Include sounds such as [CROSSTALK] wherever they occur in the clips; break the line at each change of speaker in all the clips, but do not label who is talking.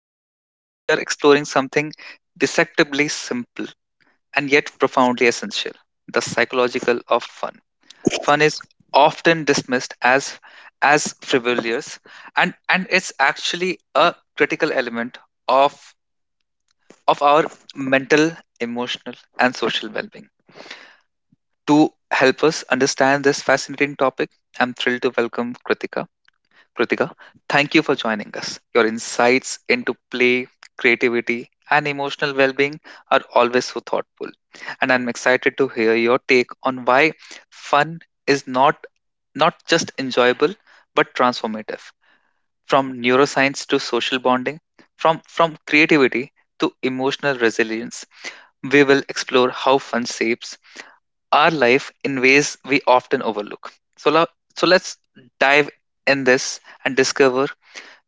Manthan, and today we are exploring something deceptively simple and yet profoundly essential the psychological of fun. Fun is often dismissed as frivolous and it's actually a critical element of of our mental emotional and social well-being to help us understand this fascinating topic. I'm thrilled to welcome kritika. Kritika, thank you for joining us. Your insights into play, creativity, and emotional well being are always so thoughtful. And I'm excited to hear your take on why fun is not just enjoyable but transformative from neuroscience to social bonding from creativity to emotional resilience. We will explore how fun shapes our life in ways we often overlook. So let's dive in this and discover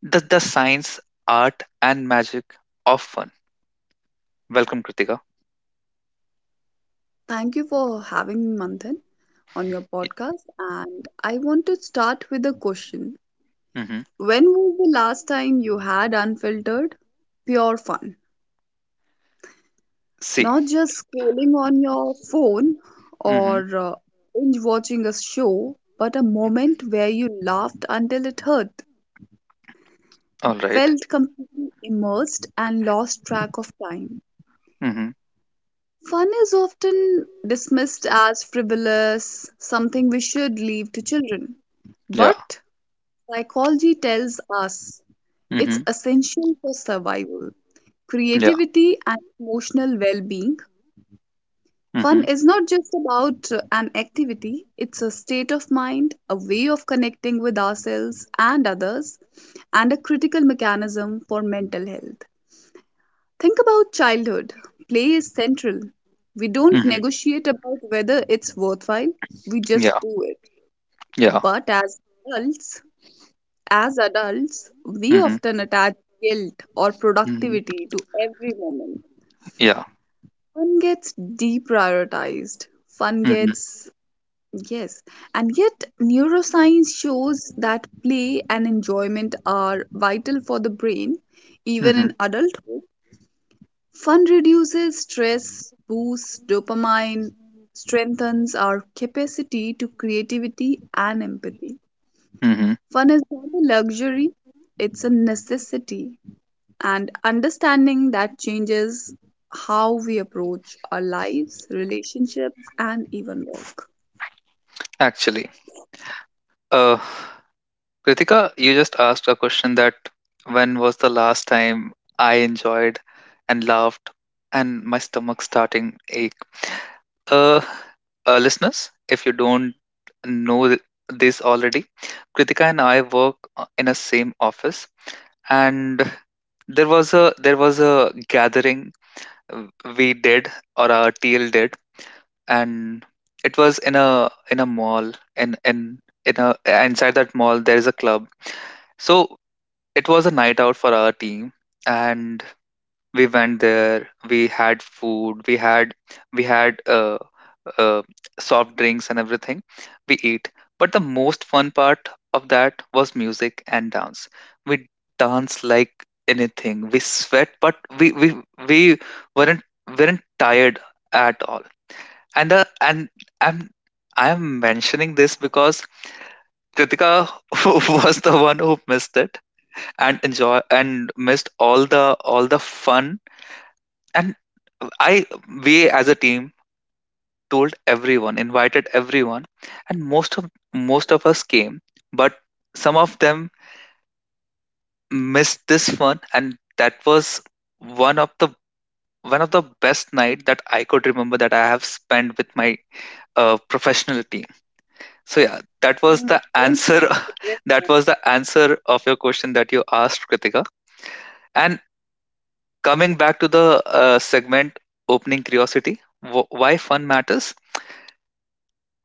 the science, art, and magic of fun. Welcome, Kritika.
Thank you for having me, Manthan, on your podcast. And I want to start with a question.
Mm-hmm.
When was the last time you had unfiltered, pure fun?
See.
Not just scrolling on your phone
Mm-hmm.
or binge watching a show, but a moment where you laughed until it hurt,
All right.
felt completely immersed, and lost track of time.
Mm-hmm.
Fun is often dismissed as frivolous, something we should leave to children.
Yeah.
But psychology tells us it's
Mm-hmm.
essential for survival,
Yeah.
creativity, and emotional well being. Fun
Mm-hmm.
is not just about an activity, it's a state of mind, a way of connecting with ourselves and others, and a critical mechanism for mental health. Think about childhood. Play is central. We don't
Mm-hmm.
negotiate about whether it's worthwhile, we
Yeah.
just do it.
Yeah.
But as adults, As adults, we
Mm-hmm.
often attach guilt or
Mm-hmm.
productivity to every moment.
Yeah.
Fun gets deprioritized. Fun
Mm-hmm.
gets, yes. And yet, neuroscience shows that play and enjoyment are vital for the brain, even in
Mm-hmm.
adulthood. Fun reduces stress, boosts dopamine, strengthens our capacity to creativity and empathy.
Mm-hmm.
Fun is not a luxury, it's a necessity. And understanding that changes how we approach our lives, relationships, and even work.
Actually, uh, Kritika, you just asked a question that when was the last time I enjoyed and laughed and my stomach starting ache? Uh, listeners, if you don't know this already, Kritika and I work in a same office, and there was a gathering uh, we did or our TL did, and it was in a mall and in a inside that mall there is a club. So it was a night out for our team, and we went there. We had food. We had. uh, soft drinks and everything we eat, but the most fun part of that was music and dance. We danced like anything. We sweat but we weren't weren't tired at all. And i'm I'm mentioning this because kritika [LAUGHS] was the one who missed it and enjoy and missed all the fun. And I We as a team told everyone, invited everyone, and most of us came, but some of them missed this fun, and that was one of the one of the best night that I could remember that I have spent with my professional team. So yeah, that
Hmm,
was the
don't
answer.
forget that.
[LAUGHS] That was the answer of your question that you asked, Kritika. And coming back to the segment opening curiosity, why fun matters.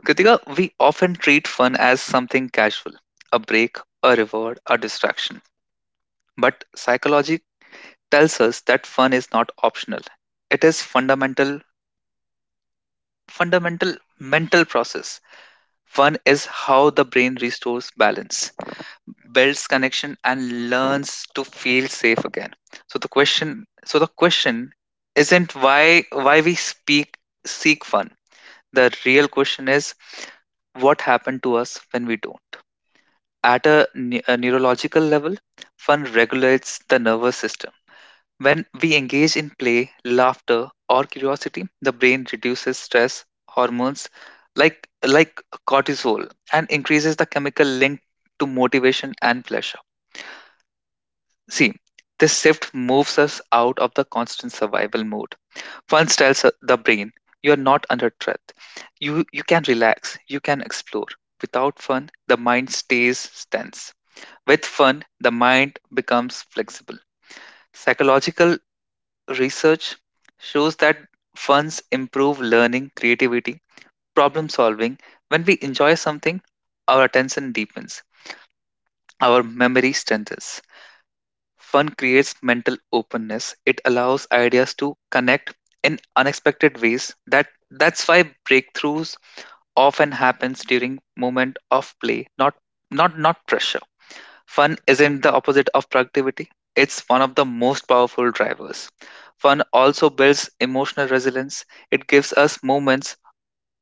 Kritika, we often treat fun as something casual, a break, a reward, a distraction. But psychology tells us that fun is not optional. It is fundamental mental process. Fun is how the brain restores balance, builds connection, and learns to feel safe again. So the question isn't why we speak seek fun. The real question is what happened to us when we don't. At a neurological level, fun regulates the nervous system. When we engage in play, laughter, or curiosity, the brain reduces stress hormones like like cortisol and increases the chemical link to motivation and pleasure. See, this shift moves us out of the constant survival mode. Fun tells the brain you are not under threat. You can relax, you can explore. Without fun, the mind stays tense. With fun, the mind becomes flexible. Psychological research shows that funds improve learning, creativity, problem solving. When we enjoy something, our attention deepens, our memory strengthens. Fun creates mental openness. It allows ideas to connect in unexpected ways. That's why breakthroughs often happens during moment of play, not pressure. Fun isn't the opposite of productivity, it's one of the most powerful drivers. Fun also builds emotional resilience. It gives us moments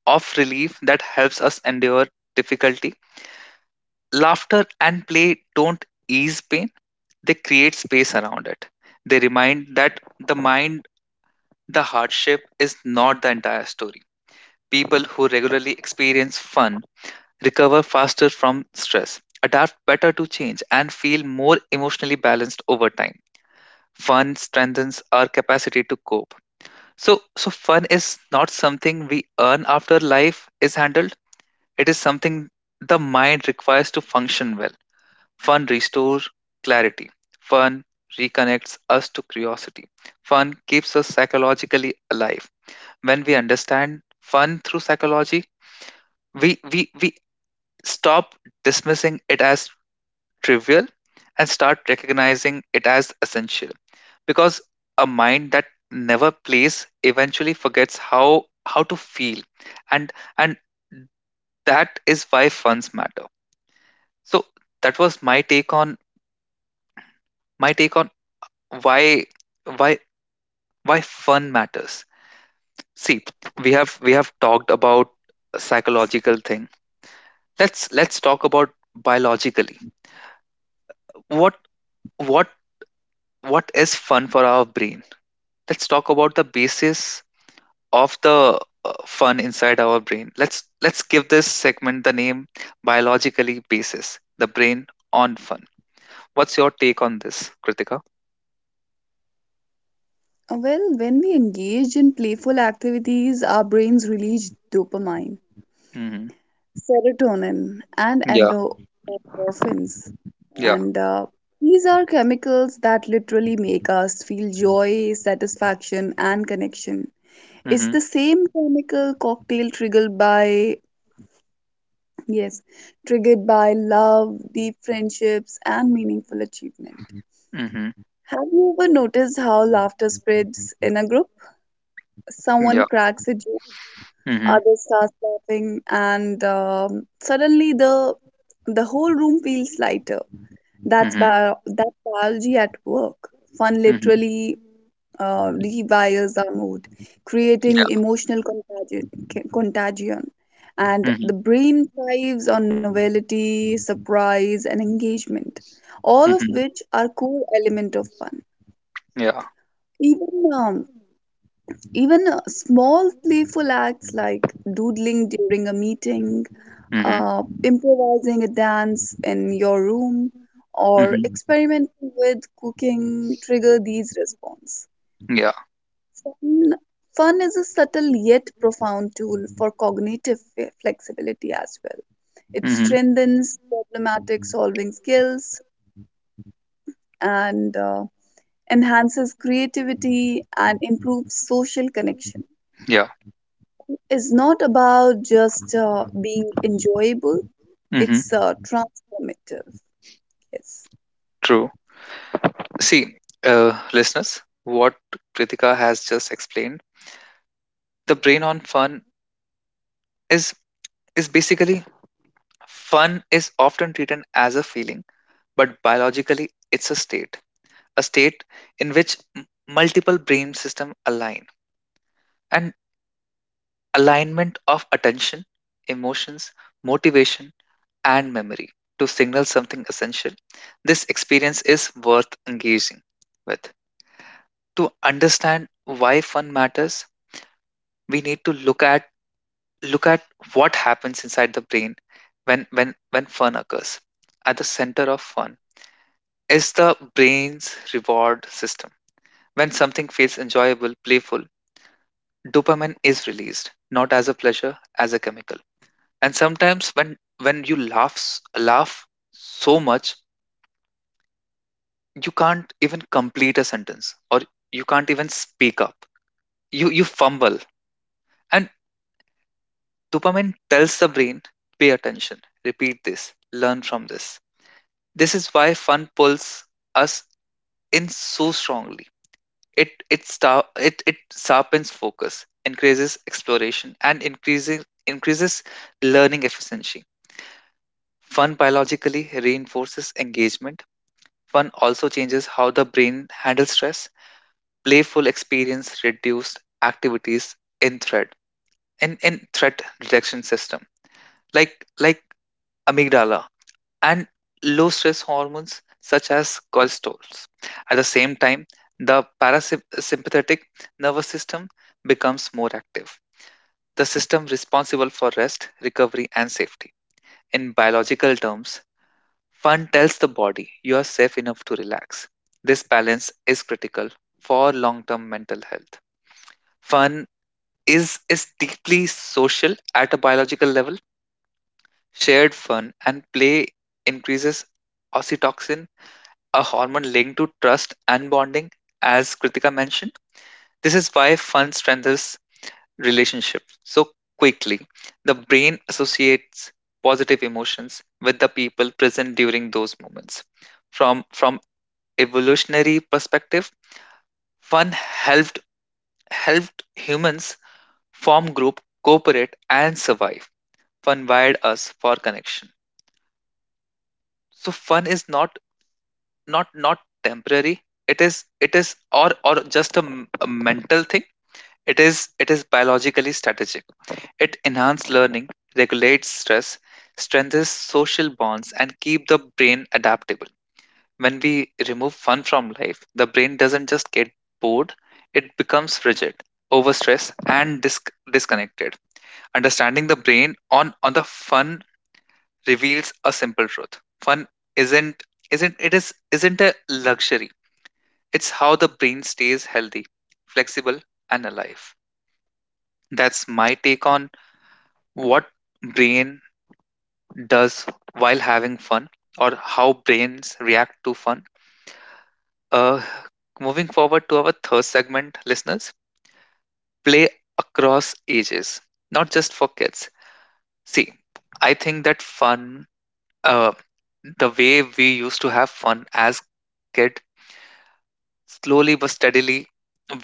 of relief that helps us endure difficulty. Laughter and play don't ease pain, they create space around it. They remind that the mind, the hardship is not the entire story. People who regularly experience fun recover faster from stress, adapt better to change, and feel more emotionally balanced over time. Fun strengthens our capacity to cope. So fun is not something we earn after life is handled. It is something the mind requires to function well. Fun restores clarity. Fun reconnects us to curiosity. Fun keeps us psychologically alive. When we understand fun through psychology, we stop dismissing it as trivial and start recognizing it as essential, because a mind that never plays eventually forgets how to feel and and that is why funds matter. So that was my take on my take on why why why fun matters. See, we have talked about a psychological thing. Let's talk about biologically what what what is fun for our brain. Let's talk about the basis of the fun inside our brain. Let's give this segment the name biologically basis, the brain on fun. What's your take on this, Kritika?
Well, when we engage in playful activities, our brains release dopamine,
Mm-hmm.
serotonin, and
Yeah,
endorphins.
yeah.
And these are chemicals that literally make us feel joy, satisfaction, and connection. It's
Mm-hmm.
the same chemical cocktail triggered by, yes, triggered by love, deep friendships, and meaningful achievement.
Mm-hmm.
Have you ever noticed how laughter spreads in a group?
Yeah.
Someone cracks a joke,
Mm-hmm.
others start laughing, and suddenly the whole room feels lighter. That's
Mm-hmm.
bio- that biology at work. Fun
Mm-hmm.
literally rewires our mood, creating
Yeah.
emotional contagion. And the
Mm-hmm.
brain thrives on novelty, surprise, and engagement, all of
Mm-hmm.
which are core element of fun.
Yeah.
Even even Small playful acts like doodling during a meeting,
Mm-hmm.
improvising a dance in your room, or
Mm-hmm.
experimenting with cooking trigger these response.
Yeah.
Fun, fun is a subtle yet profound tool for cognitive flexibility as well. It
Mm-hmm.
strengthens problematic solving skills and enhances creativity and improves social connection.
Yeah.
It's not about just being enjoyable,
Mm-hmm.
it's transformative. Yes.
True. See, listeners, what Kritika has just explained, the brain on fun is basically fun is often treated as a feeling but biologically it's a state, a state in which multiple brain systems align an alignment of attention emotions motivation and memory to signal something essential. This experience is worth engaging with. To understand why fun matters we need to look at what happens inside the brain when fun occurs. At the center of fun is the brain's reward system. When something feels enjoyable, playful, dopamine is released, not as a pleasure, as a chemical. And sometimes when you laugh so much, you can't even complete a sentence or you can't even speak up. You fumble. And dopamine tells the brain, pay attention, repeat this, learn from this. This is why fun pulls us in so strongly. It star, it sharpens focus, increases exploration, and increases learning efficiency. Fun biologically reinforces engagement. Fun also changes how the brain handles stress. Playful experience reduced activities in threat in threat detection system like amygdala and low stress hormones such as cortisols. At the same time, the parasympathetic nervous system becomes more active, the system responsible for rest, recovery, and safety. In biological terms, fun tells the body you are safe enough to relax. This balance is critical for long term mental health. Fun is deeply social at a biological level. Shared fun and play increases oxytocin a hormone linked to trust and bonding, as Kritika mentioned. This is why fun strengthens relationships so quickly. The brain associates positive emotions with the people present during those moments. From evolutionary perspective, fun helped humans form group, cooperate, and survive. Fun wired us for connection. So fun is not temporary. It is or just a mental thing. It is biologically strategic. It enhances learning, regulates stress, strengthens social bonds and keep the brain adaptable. When we remove fun from life, the brain doesn't just get bored, it becomes rigid, overstressed and disconnected. Understanding the brain on the fun reveals a simple truth. Fun isn't isn't a luxury. It's how the brain stays healthy, flexible and alive. That's my take on what brain does while having fun or how brains react to fun. Uh, Moving forward to our third segment, listeners, play across ages, not just for kids. See, I think that fun, uh, the way we used to have fun as kid, slowly but steadily,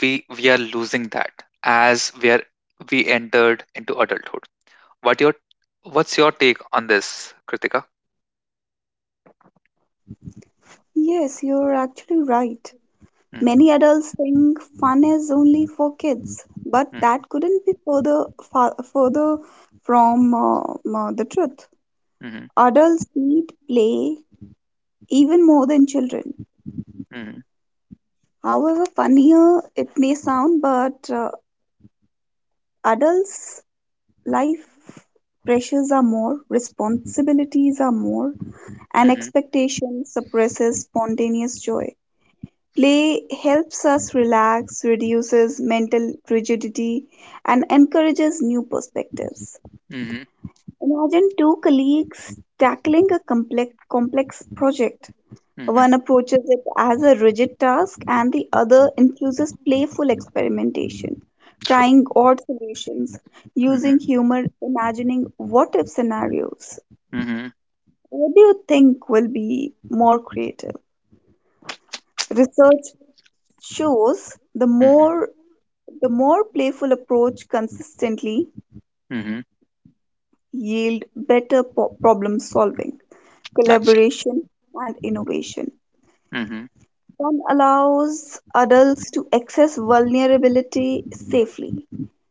we are losing that as we entered into adulthood. What your what's your take on this, Kritika?
Yes, you're actually right.
Hmm.
Many adults think fun is only for kids, but that couldn't be further from the truth.
Hmm.
Adults need play even more than children.
Mhm.
However funnier it may sound, but adults' life pressures are more, responsibilities are more, and
Mhm.
expectation suppresses spontaneous joy. Play helps us relax, reduces mental rigidity, and encourages new perspectives.
Mhm.
Imagine two colleagues tackling a complex project. One
Mhm.
approaches it as a rigid task, and the other infuses playful experimentation,
True.
trying odd solutions, using
Mhm.
humor, imagining what if scenarios.
Mhm.
What do you think will be more creative? Research shows the
Mhm.
more The more playful approach consistently
Mhm.
yield better problem solving,
Actually.
collaboration, and innovation.
Mhm.
Fun allows adults to access vulnerability safely.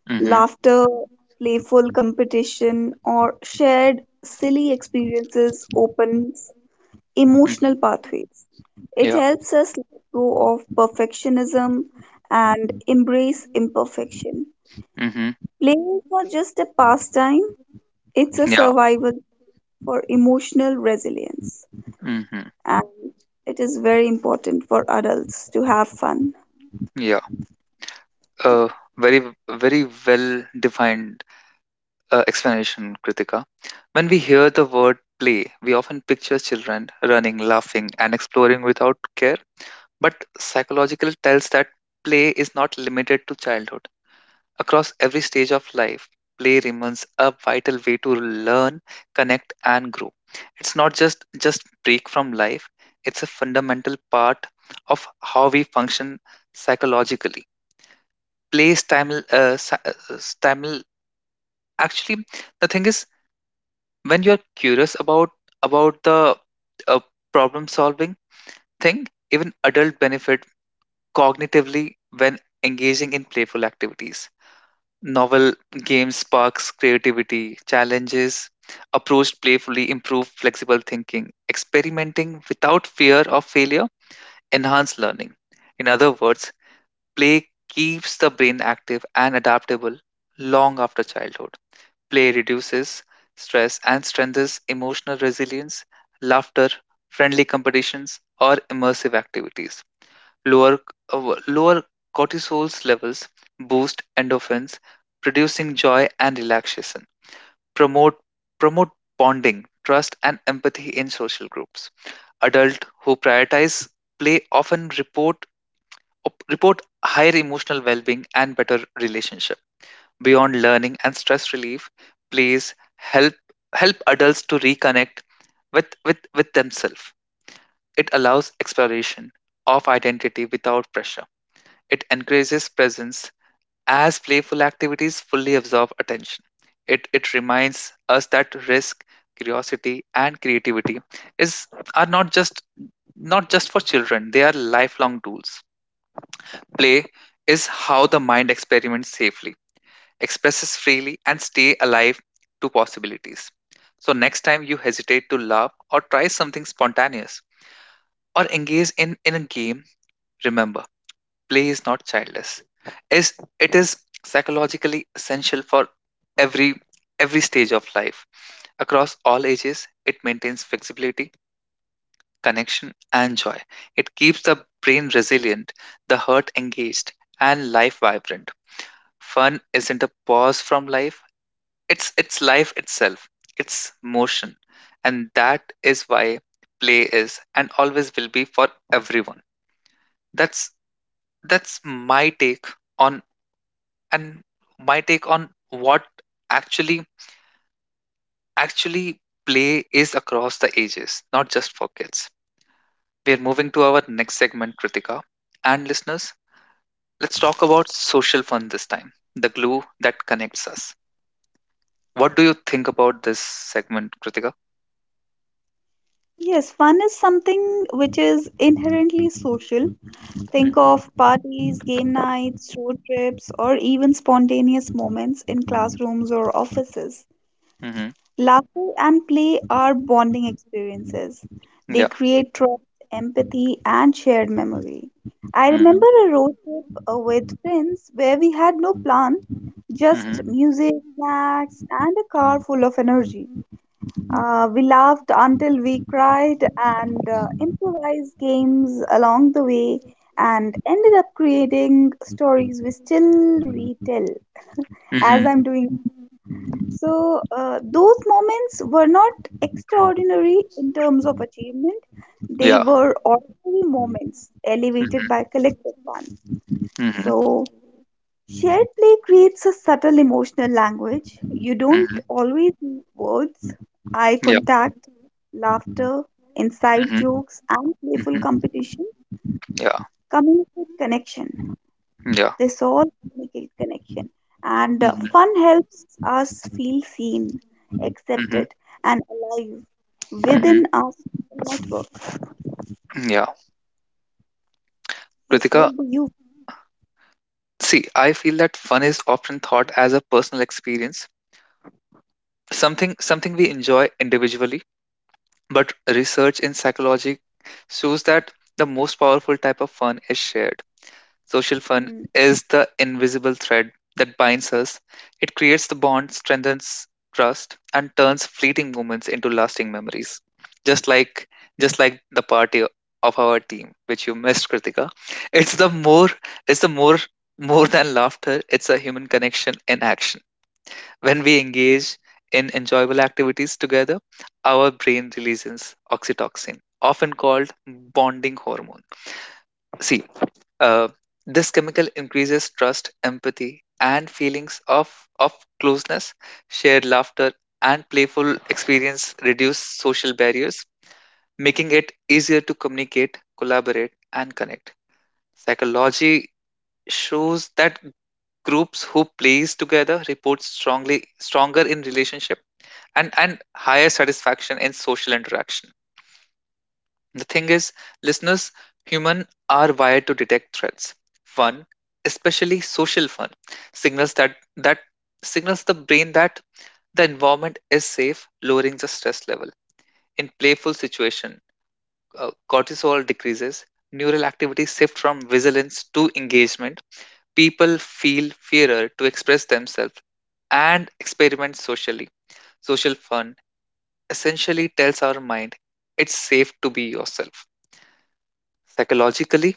Mhm.
Laughter, playful competition, or shared silly experiences opens emotional
Mhm.
pathways. It
Yeah.
helps us let go of perfectionism and embrace imperfection.
Mm-hmm.
Play is not just a pastime, it's a
Yeah.
survival for emotional resilience,
Mm-hmm.
and it is very important for adults to have fun.
Yeah. Uh, Very, very well defined explanation, Kritika. When we hear the word play, we often picture children running, laughing, and exploring without care. But psychological tells that play is not limited to childhood. Across every stage of life, play remains a vital way to learn, connect, and grow. It's not just just break from life; it's a fundamental part of how we function psychologically. Play stimul, si- stimul. Actually, The thing is, when you're curious about the uh, problem solving thing, even adult benefit cognitively when engaging in playful activities. Novel games sparks creativity, challenges approached playfully improve flexible thinking, experimenting without fear of failure enhance learning. In other words, play keeps the brain active and adaptable long after childhood. Play reduces stress and strengthens emotional resilience, laughter, friendly competitions, or immersive activities Lower, lower cortisol levels boost endorphins, producing joy and relaxation. Promote, promote bonding, trust, and empathy in social groups. Adults who prioritize play often report higher emotional well-being and better relationship. Beyond learning and stress relief, plays help adults to reconnect with themselves. It allows exploration of identity without pressure. It encourages presence as playful activities fully absorb attention. It reminds us that risk, curiosity, and creativity is are not just for children, they are lifelong tools. Play is how the mind experiments safely, expresses freely, and stay alive to possibilities. So next time you hesitate to laugh or try something spontaneous or engage in a game, remember, play is not childless, is it is psychologically essential for every every stage of life. Across all ages it maintains flexibility, connection, and joy. It keeps the brain resilient, the heart engaged, and life vibrant. Fun isn't a pause from life, it's life itself, it's motion. And that is why play is and always will be for everyone. That's that's on and my take on what actually actually play is across the ages, not just for kids. We are moving to our next segment, Kritika, and listeners, let's talk about social fun this time, the glue that connects us. What do you think about this segment, Kritika?
Yes, fun is something which is inherently social. Think of
Mm-hmm.
parties, game nights, road trips, or even spontaneous moments in classrooms or offices.
Mm-hmm.
Laughter and play are bonding experiences. They
Yeah.
create trust, empathy, and shared memory. I
Mm-hmm.
remember a road trip with friends where we had no plan,
Mm-hmm.
just music, snacks, and a car full of energy. We laughed until we cried and improvised games along the way and ended up creating stories we still retell, as
Mm-hmm.
I'm doing so. Those moments were not extraordinary in terms of achievement. They
Yeah.
were ordinary moments elevated by
Mm-hmm.
collective fun.
Mm-hmm.
So, shared play creates a subtle emotional language. You
Mm-hmm.
don't always need words, eye
Yeah.
contact, laughter, inside
Mm-hmm.
jokes, and playful
Mm-hmm.
competition
Yeah.
communicate connection.
Yeah.
They all communicate connection. And
Mm-hmm.
fun helps us feel seen,
Mm-hmm.
accepted, and alive
Mm-hmm.
within our social network.
Yeah.
Yes,
Kritika,
what do you?
see, I feel that fun is often thought as a personal experience, something we enjoy individually, but research in psychology shows that the most powerful type of fun is shared. Social fun
Hmm.
is the invisible thread that binds us. It creates the bond, strengthens trust, and turns fleeting moments into lasting memories. Just like just like the party of our team, which you missed, Kritika. It's the more it's the more more than laughter, it's a human connection in action. When we engage in enjoyable activities together, our brain releases oxytocin, often called bonding hormone. See, uh, this chemical increases trust, empathy, and feelings of closeness. Shared laughter and playful experience reduce social barriers, making it easier to communicate, collaborate, and connect. Psychology shows that groups who plays together report strongly stronger in relationship and higher satisfaction in social interaction. The thing is, listeners, humans are wired to detect threats. Fun, especially social fun, signals that that signals the brain that the environment is safe, lowering the stress level. In playful situation, cortisol decreases, neural activity shift from vigilance to engagement. People feel fearer to express themselves and experiment socially. Social fun essentially tells our mind it's safe to be yourself. Psychologically,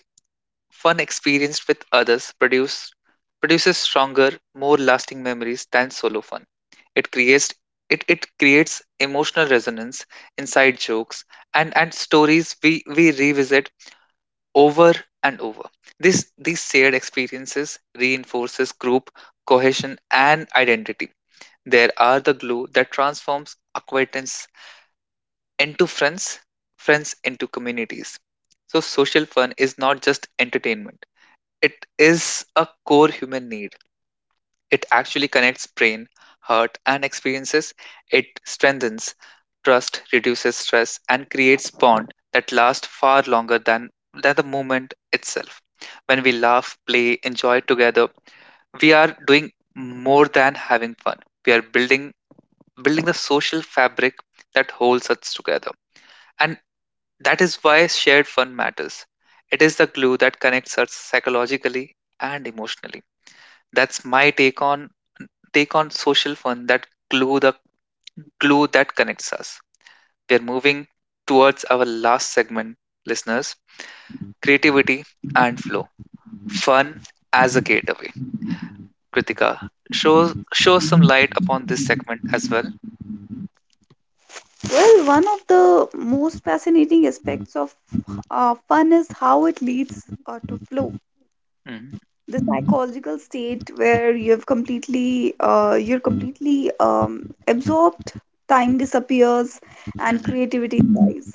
fun experienced with others produces stronger, more lasting memories than solo fun. It creates it creates emotional resonance, inside jokes, and stories we revisit over and over. This these shared experiences reinforces group cohesion and identity. There are the glue that transforms acquaintance into friends, friends into communities. So social fun is not just entertainment, it is a core human need. It actually connects brain, heart, and experiences. It strengthens trust, reduces stress, and creates bond that lasts far longer than the movement itself. When we laugh, play, enjoy together, we are doing more than having fun. We are building the social fabric that holds us together. And that is why shared fun matters. It is the glue that connects us psychologically and emotionally. That's my take on social fun, that glue that connects us. We are moving towards our last segment, listeners: creativity and flow. Fun as a gateway. Kritika, show some light upon this segment as well.
Well, one of the most fascinating aspects of fun is how it leads to flow.
Hmm.
The psychological state where you're completely absorbed, time disappears, and
Hmm.
creativity dies.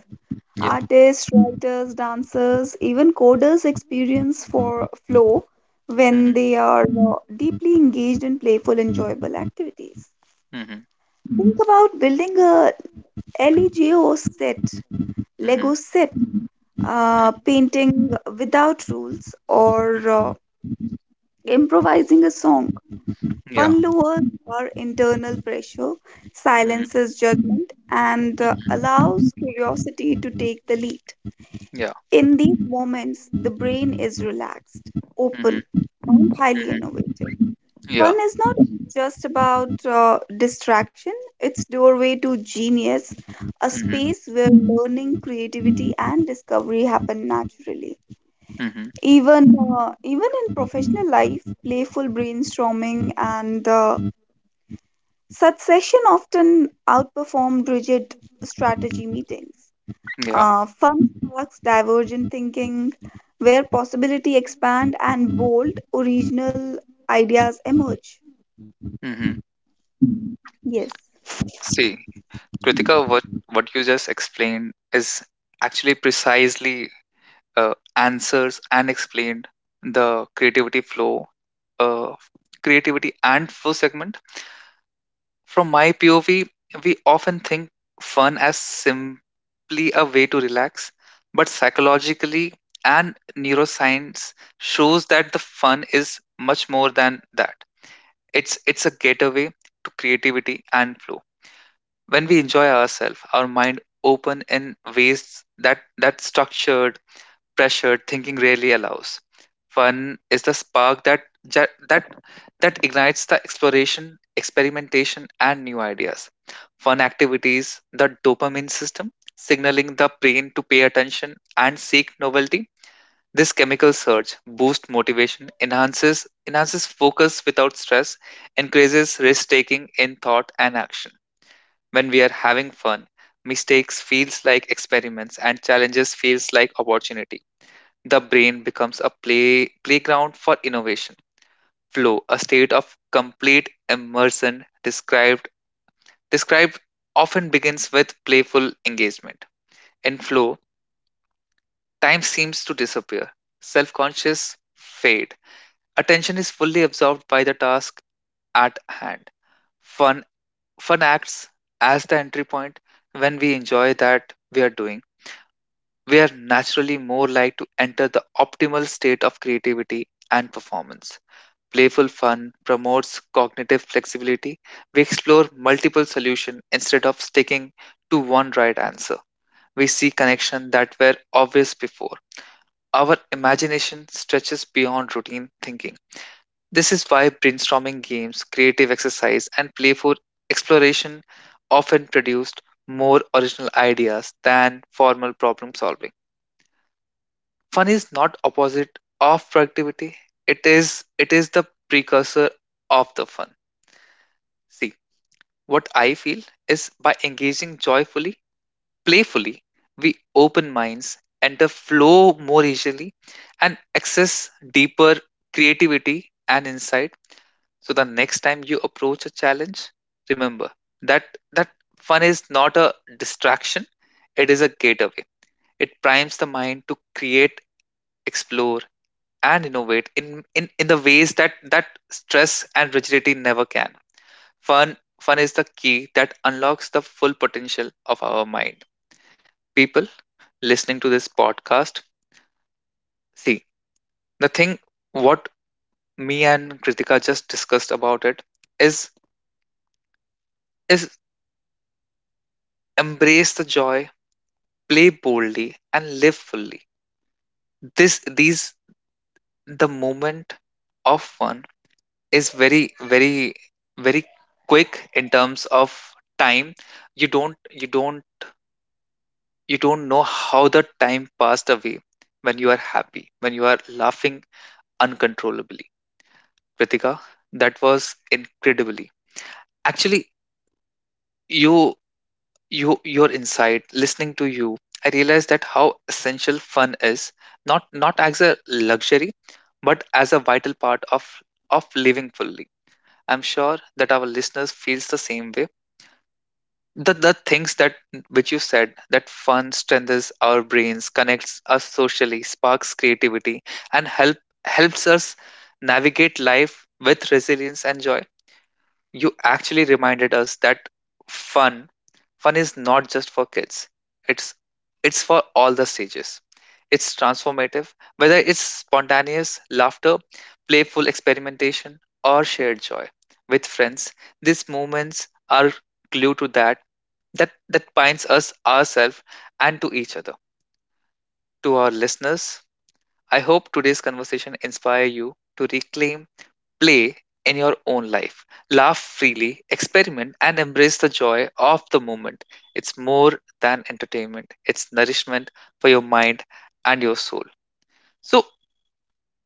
Yeah.
Artists, writers, dancers, even coders experience for flow when
Hmm.
they are deeply engaged in playful, enjoyable activities.
Hmm.
Think about building a LEGO set,
Hmm.
Lego set,
Hmm.
painting without rules, or improvising a song.
Yeah.
Fun lowers our internal pressure,
Hmm. Hmm.
silences judgment, and allows curiosity to take the lead.
Yeah.
In these moments, the brain is relaxed,
Hmm. Hmm.
open, and highly innovative. Fun
Yeah.
is not just about distraction, it's doorway to genius, a
Hmm.
space where learning, creativity, and discovery happen naturally.
Hmm.
Even in professional life, playful brainstorming and such session often outperform rigid strategy meetings.
Yeah.
Fun sparks divergent thinking, where possibility expand and bold original ideas emerge.
Hmm.
Yes.
See, Kritika, what you just explained is actually precisely, answers and explained the creativity flow, uh, creativity and flow segment. From my POV, we often think fun as simply a way to relax, but psychologically and neuroscience shows that the fun is much more than that. It's a gateway to creativity and flow. When we enjoy ourselves, our mind open in ways that structured, pressured thinking rarely allows. Fun is the spark that ju- that that ignites the exploration, experimentation, and new ideas. Fun activities the dopamine system, signaling the brain to pay attention and seek novelty. This chemical surge boosts motivation, enhances focus without stress, increases risk taking in thought and action. When we are having fun, mistakes feels like experiments and challenges feels like opportunity. The brain becomes a playground for innovation. Flow, a state of complete immersion, described often begins with playful engagement. In flow, time seems to disappear. Self-conscious fade. Attention is fully absorbed by the task at hand. Fun fun acts as the entry point. When we enjoy that we are doing, we are naturally more like to enter the optimal state of creativity and performance. Playful fun promotes cognitive flexibility. We explore multiple solutions instead of sticking to one right answer. We see connections that were obvious before. Our imagination stretches beyond routine thinking. This is why brainstorming games, creative exercise, and playful exploration often produced more original ideas than formal problem solving. Fun is not opposite of productivity. It is the precursor of the fun. See, what I feel is, by engaging joyfully, playfully, we open minds, enter flow more easily, and access deeper creativity and insight. So the next time you approach a challenge, remember that that fun is not a distraction, it is a gateway. It primes the mind to create, explore, and innovate in the ways that stress and rigidity never can. Fun is the key that unlocks the full potential of our mind. People listening to this podcast, see, the thing what me and Kritika just discussed about it is is embrace the joy, play boldly, and live fully. This these the moment of fun is very, very, very quick in terms of time. You don't you don't you don't know how the time passed away when you are happy, when you are laughing uncontrollably. Pritika, that was incredibly, actually, you your insight, listening to you, I realized that how essential fun is, not as a luxury but as a vital part of living fully. I'm sure that our listeners feels the same way. The things that which you said, that fun strengthens our brains, connects us socially, sparks creativity, and helps us navigate life with resilience and joy. You actually reminded us that fun fun is not just for kids. It's it's for all the stages. It's transformative, whether it's spontaneous laughter, playful experimentation, or shared joy with friends. These moments are glue to that binds us, ourselves and to each other. To our listeners, I hope today's conversation inspire you to reclaim play in your own life. Laugh freely, experiment, and embrace the joy of the moment. It's more than entertainment, it's nourishment for your mind and your soul. So,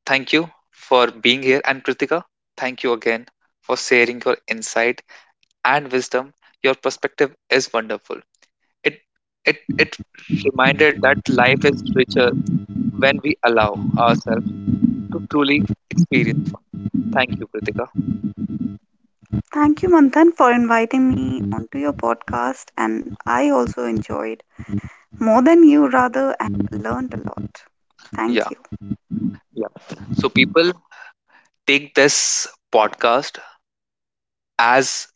thank you for being here. And Kritika, thank you again for sharing your insight and wisdom. Your perspective is wonderful. It it reminded that life is richer when we allow ourselves to truly experience one. Thank you, Kritika.
Thank you, Manthan, for inviting me onto your podcast, and I also enjoyed more than you, rather, and learned a lot.
Yeah,
Thank you.
yeah. So people, take this podcast as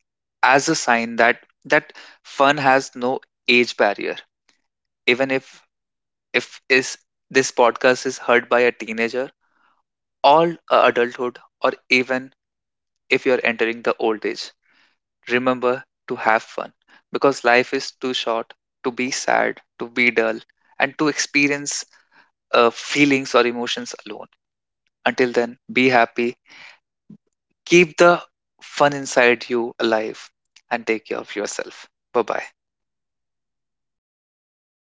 as a sign that fun has no age barrier. Even if is this podcast is heard by a teenager, all adulthood, or even if you're entering the old age, remember to have fun, because life is too short to be sad, to be dull, and to experience feelings or emotions alone. Until then, be happy. Keep the fun inside you alive and take care of yourself. Bye bye.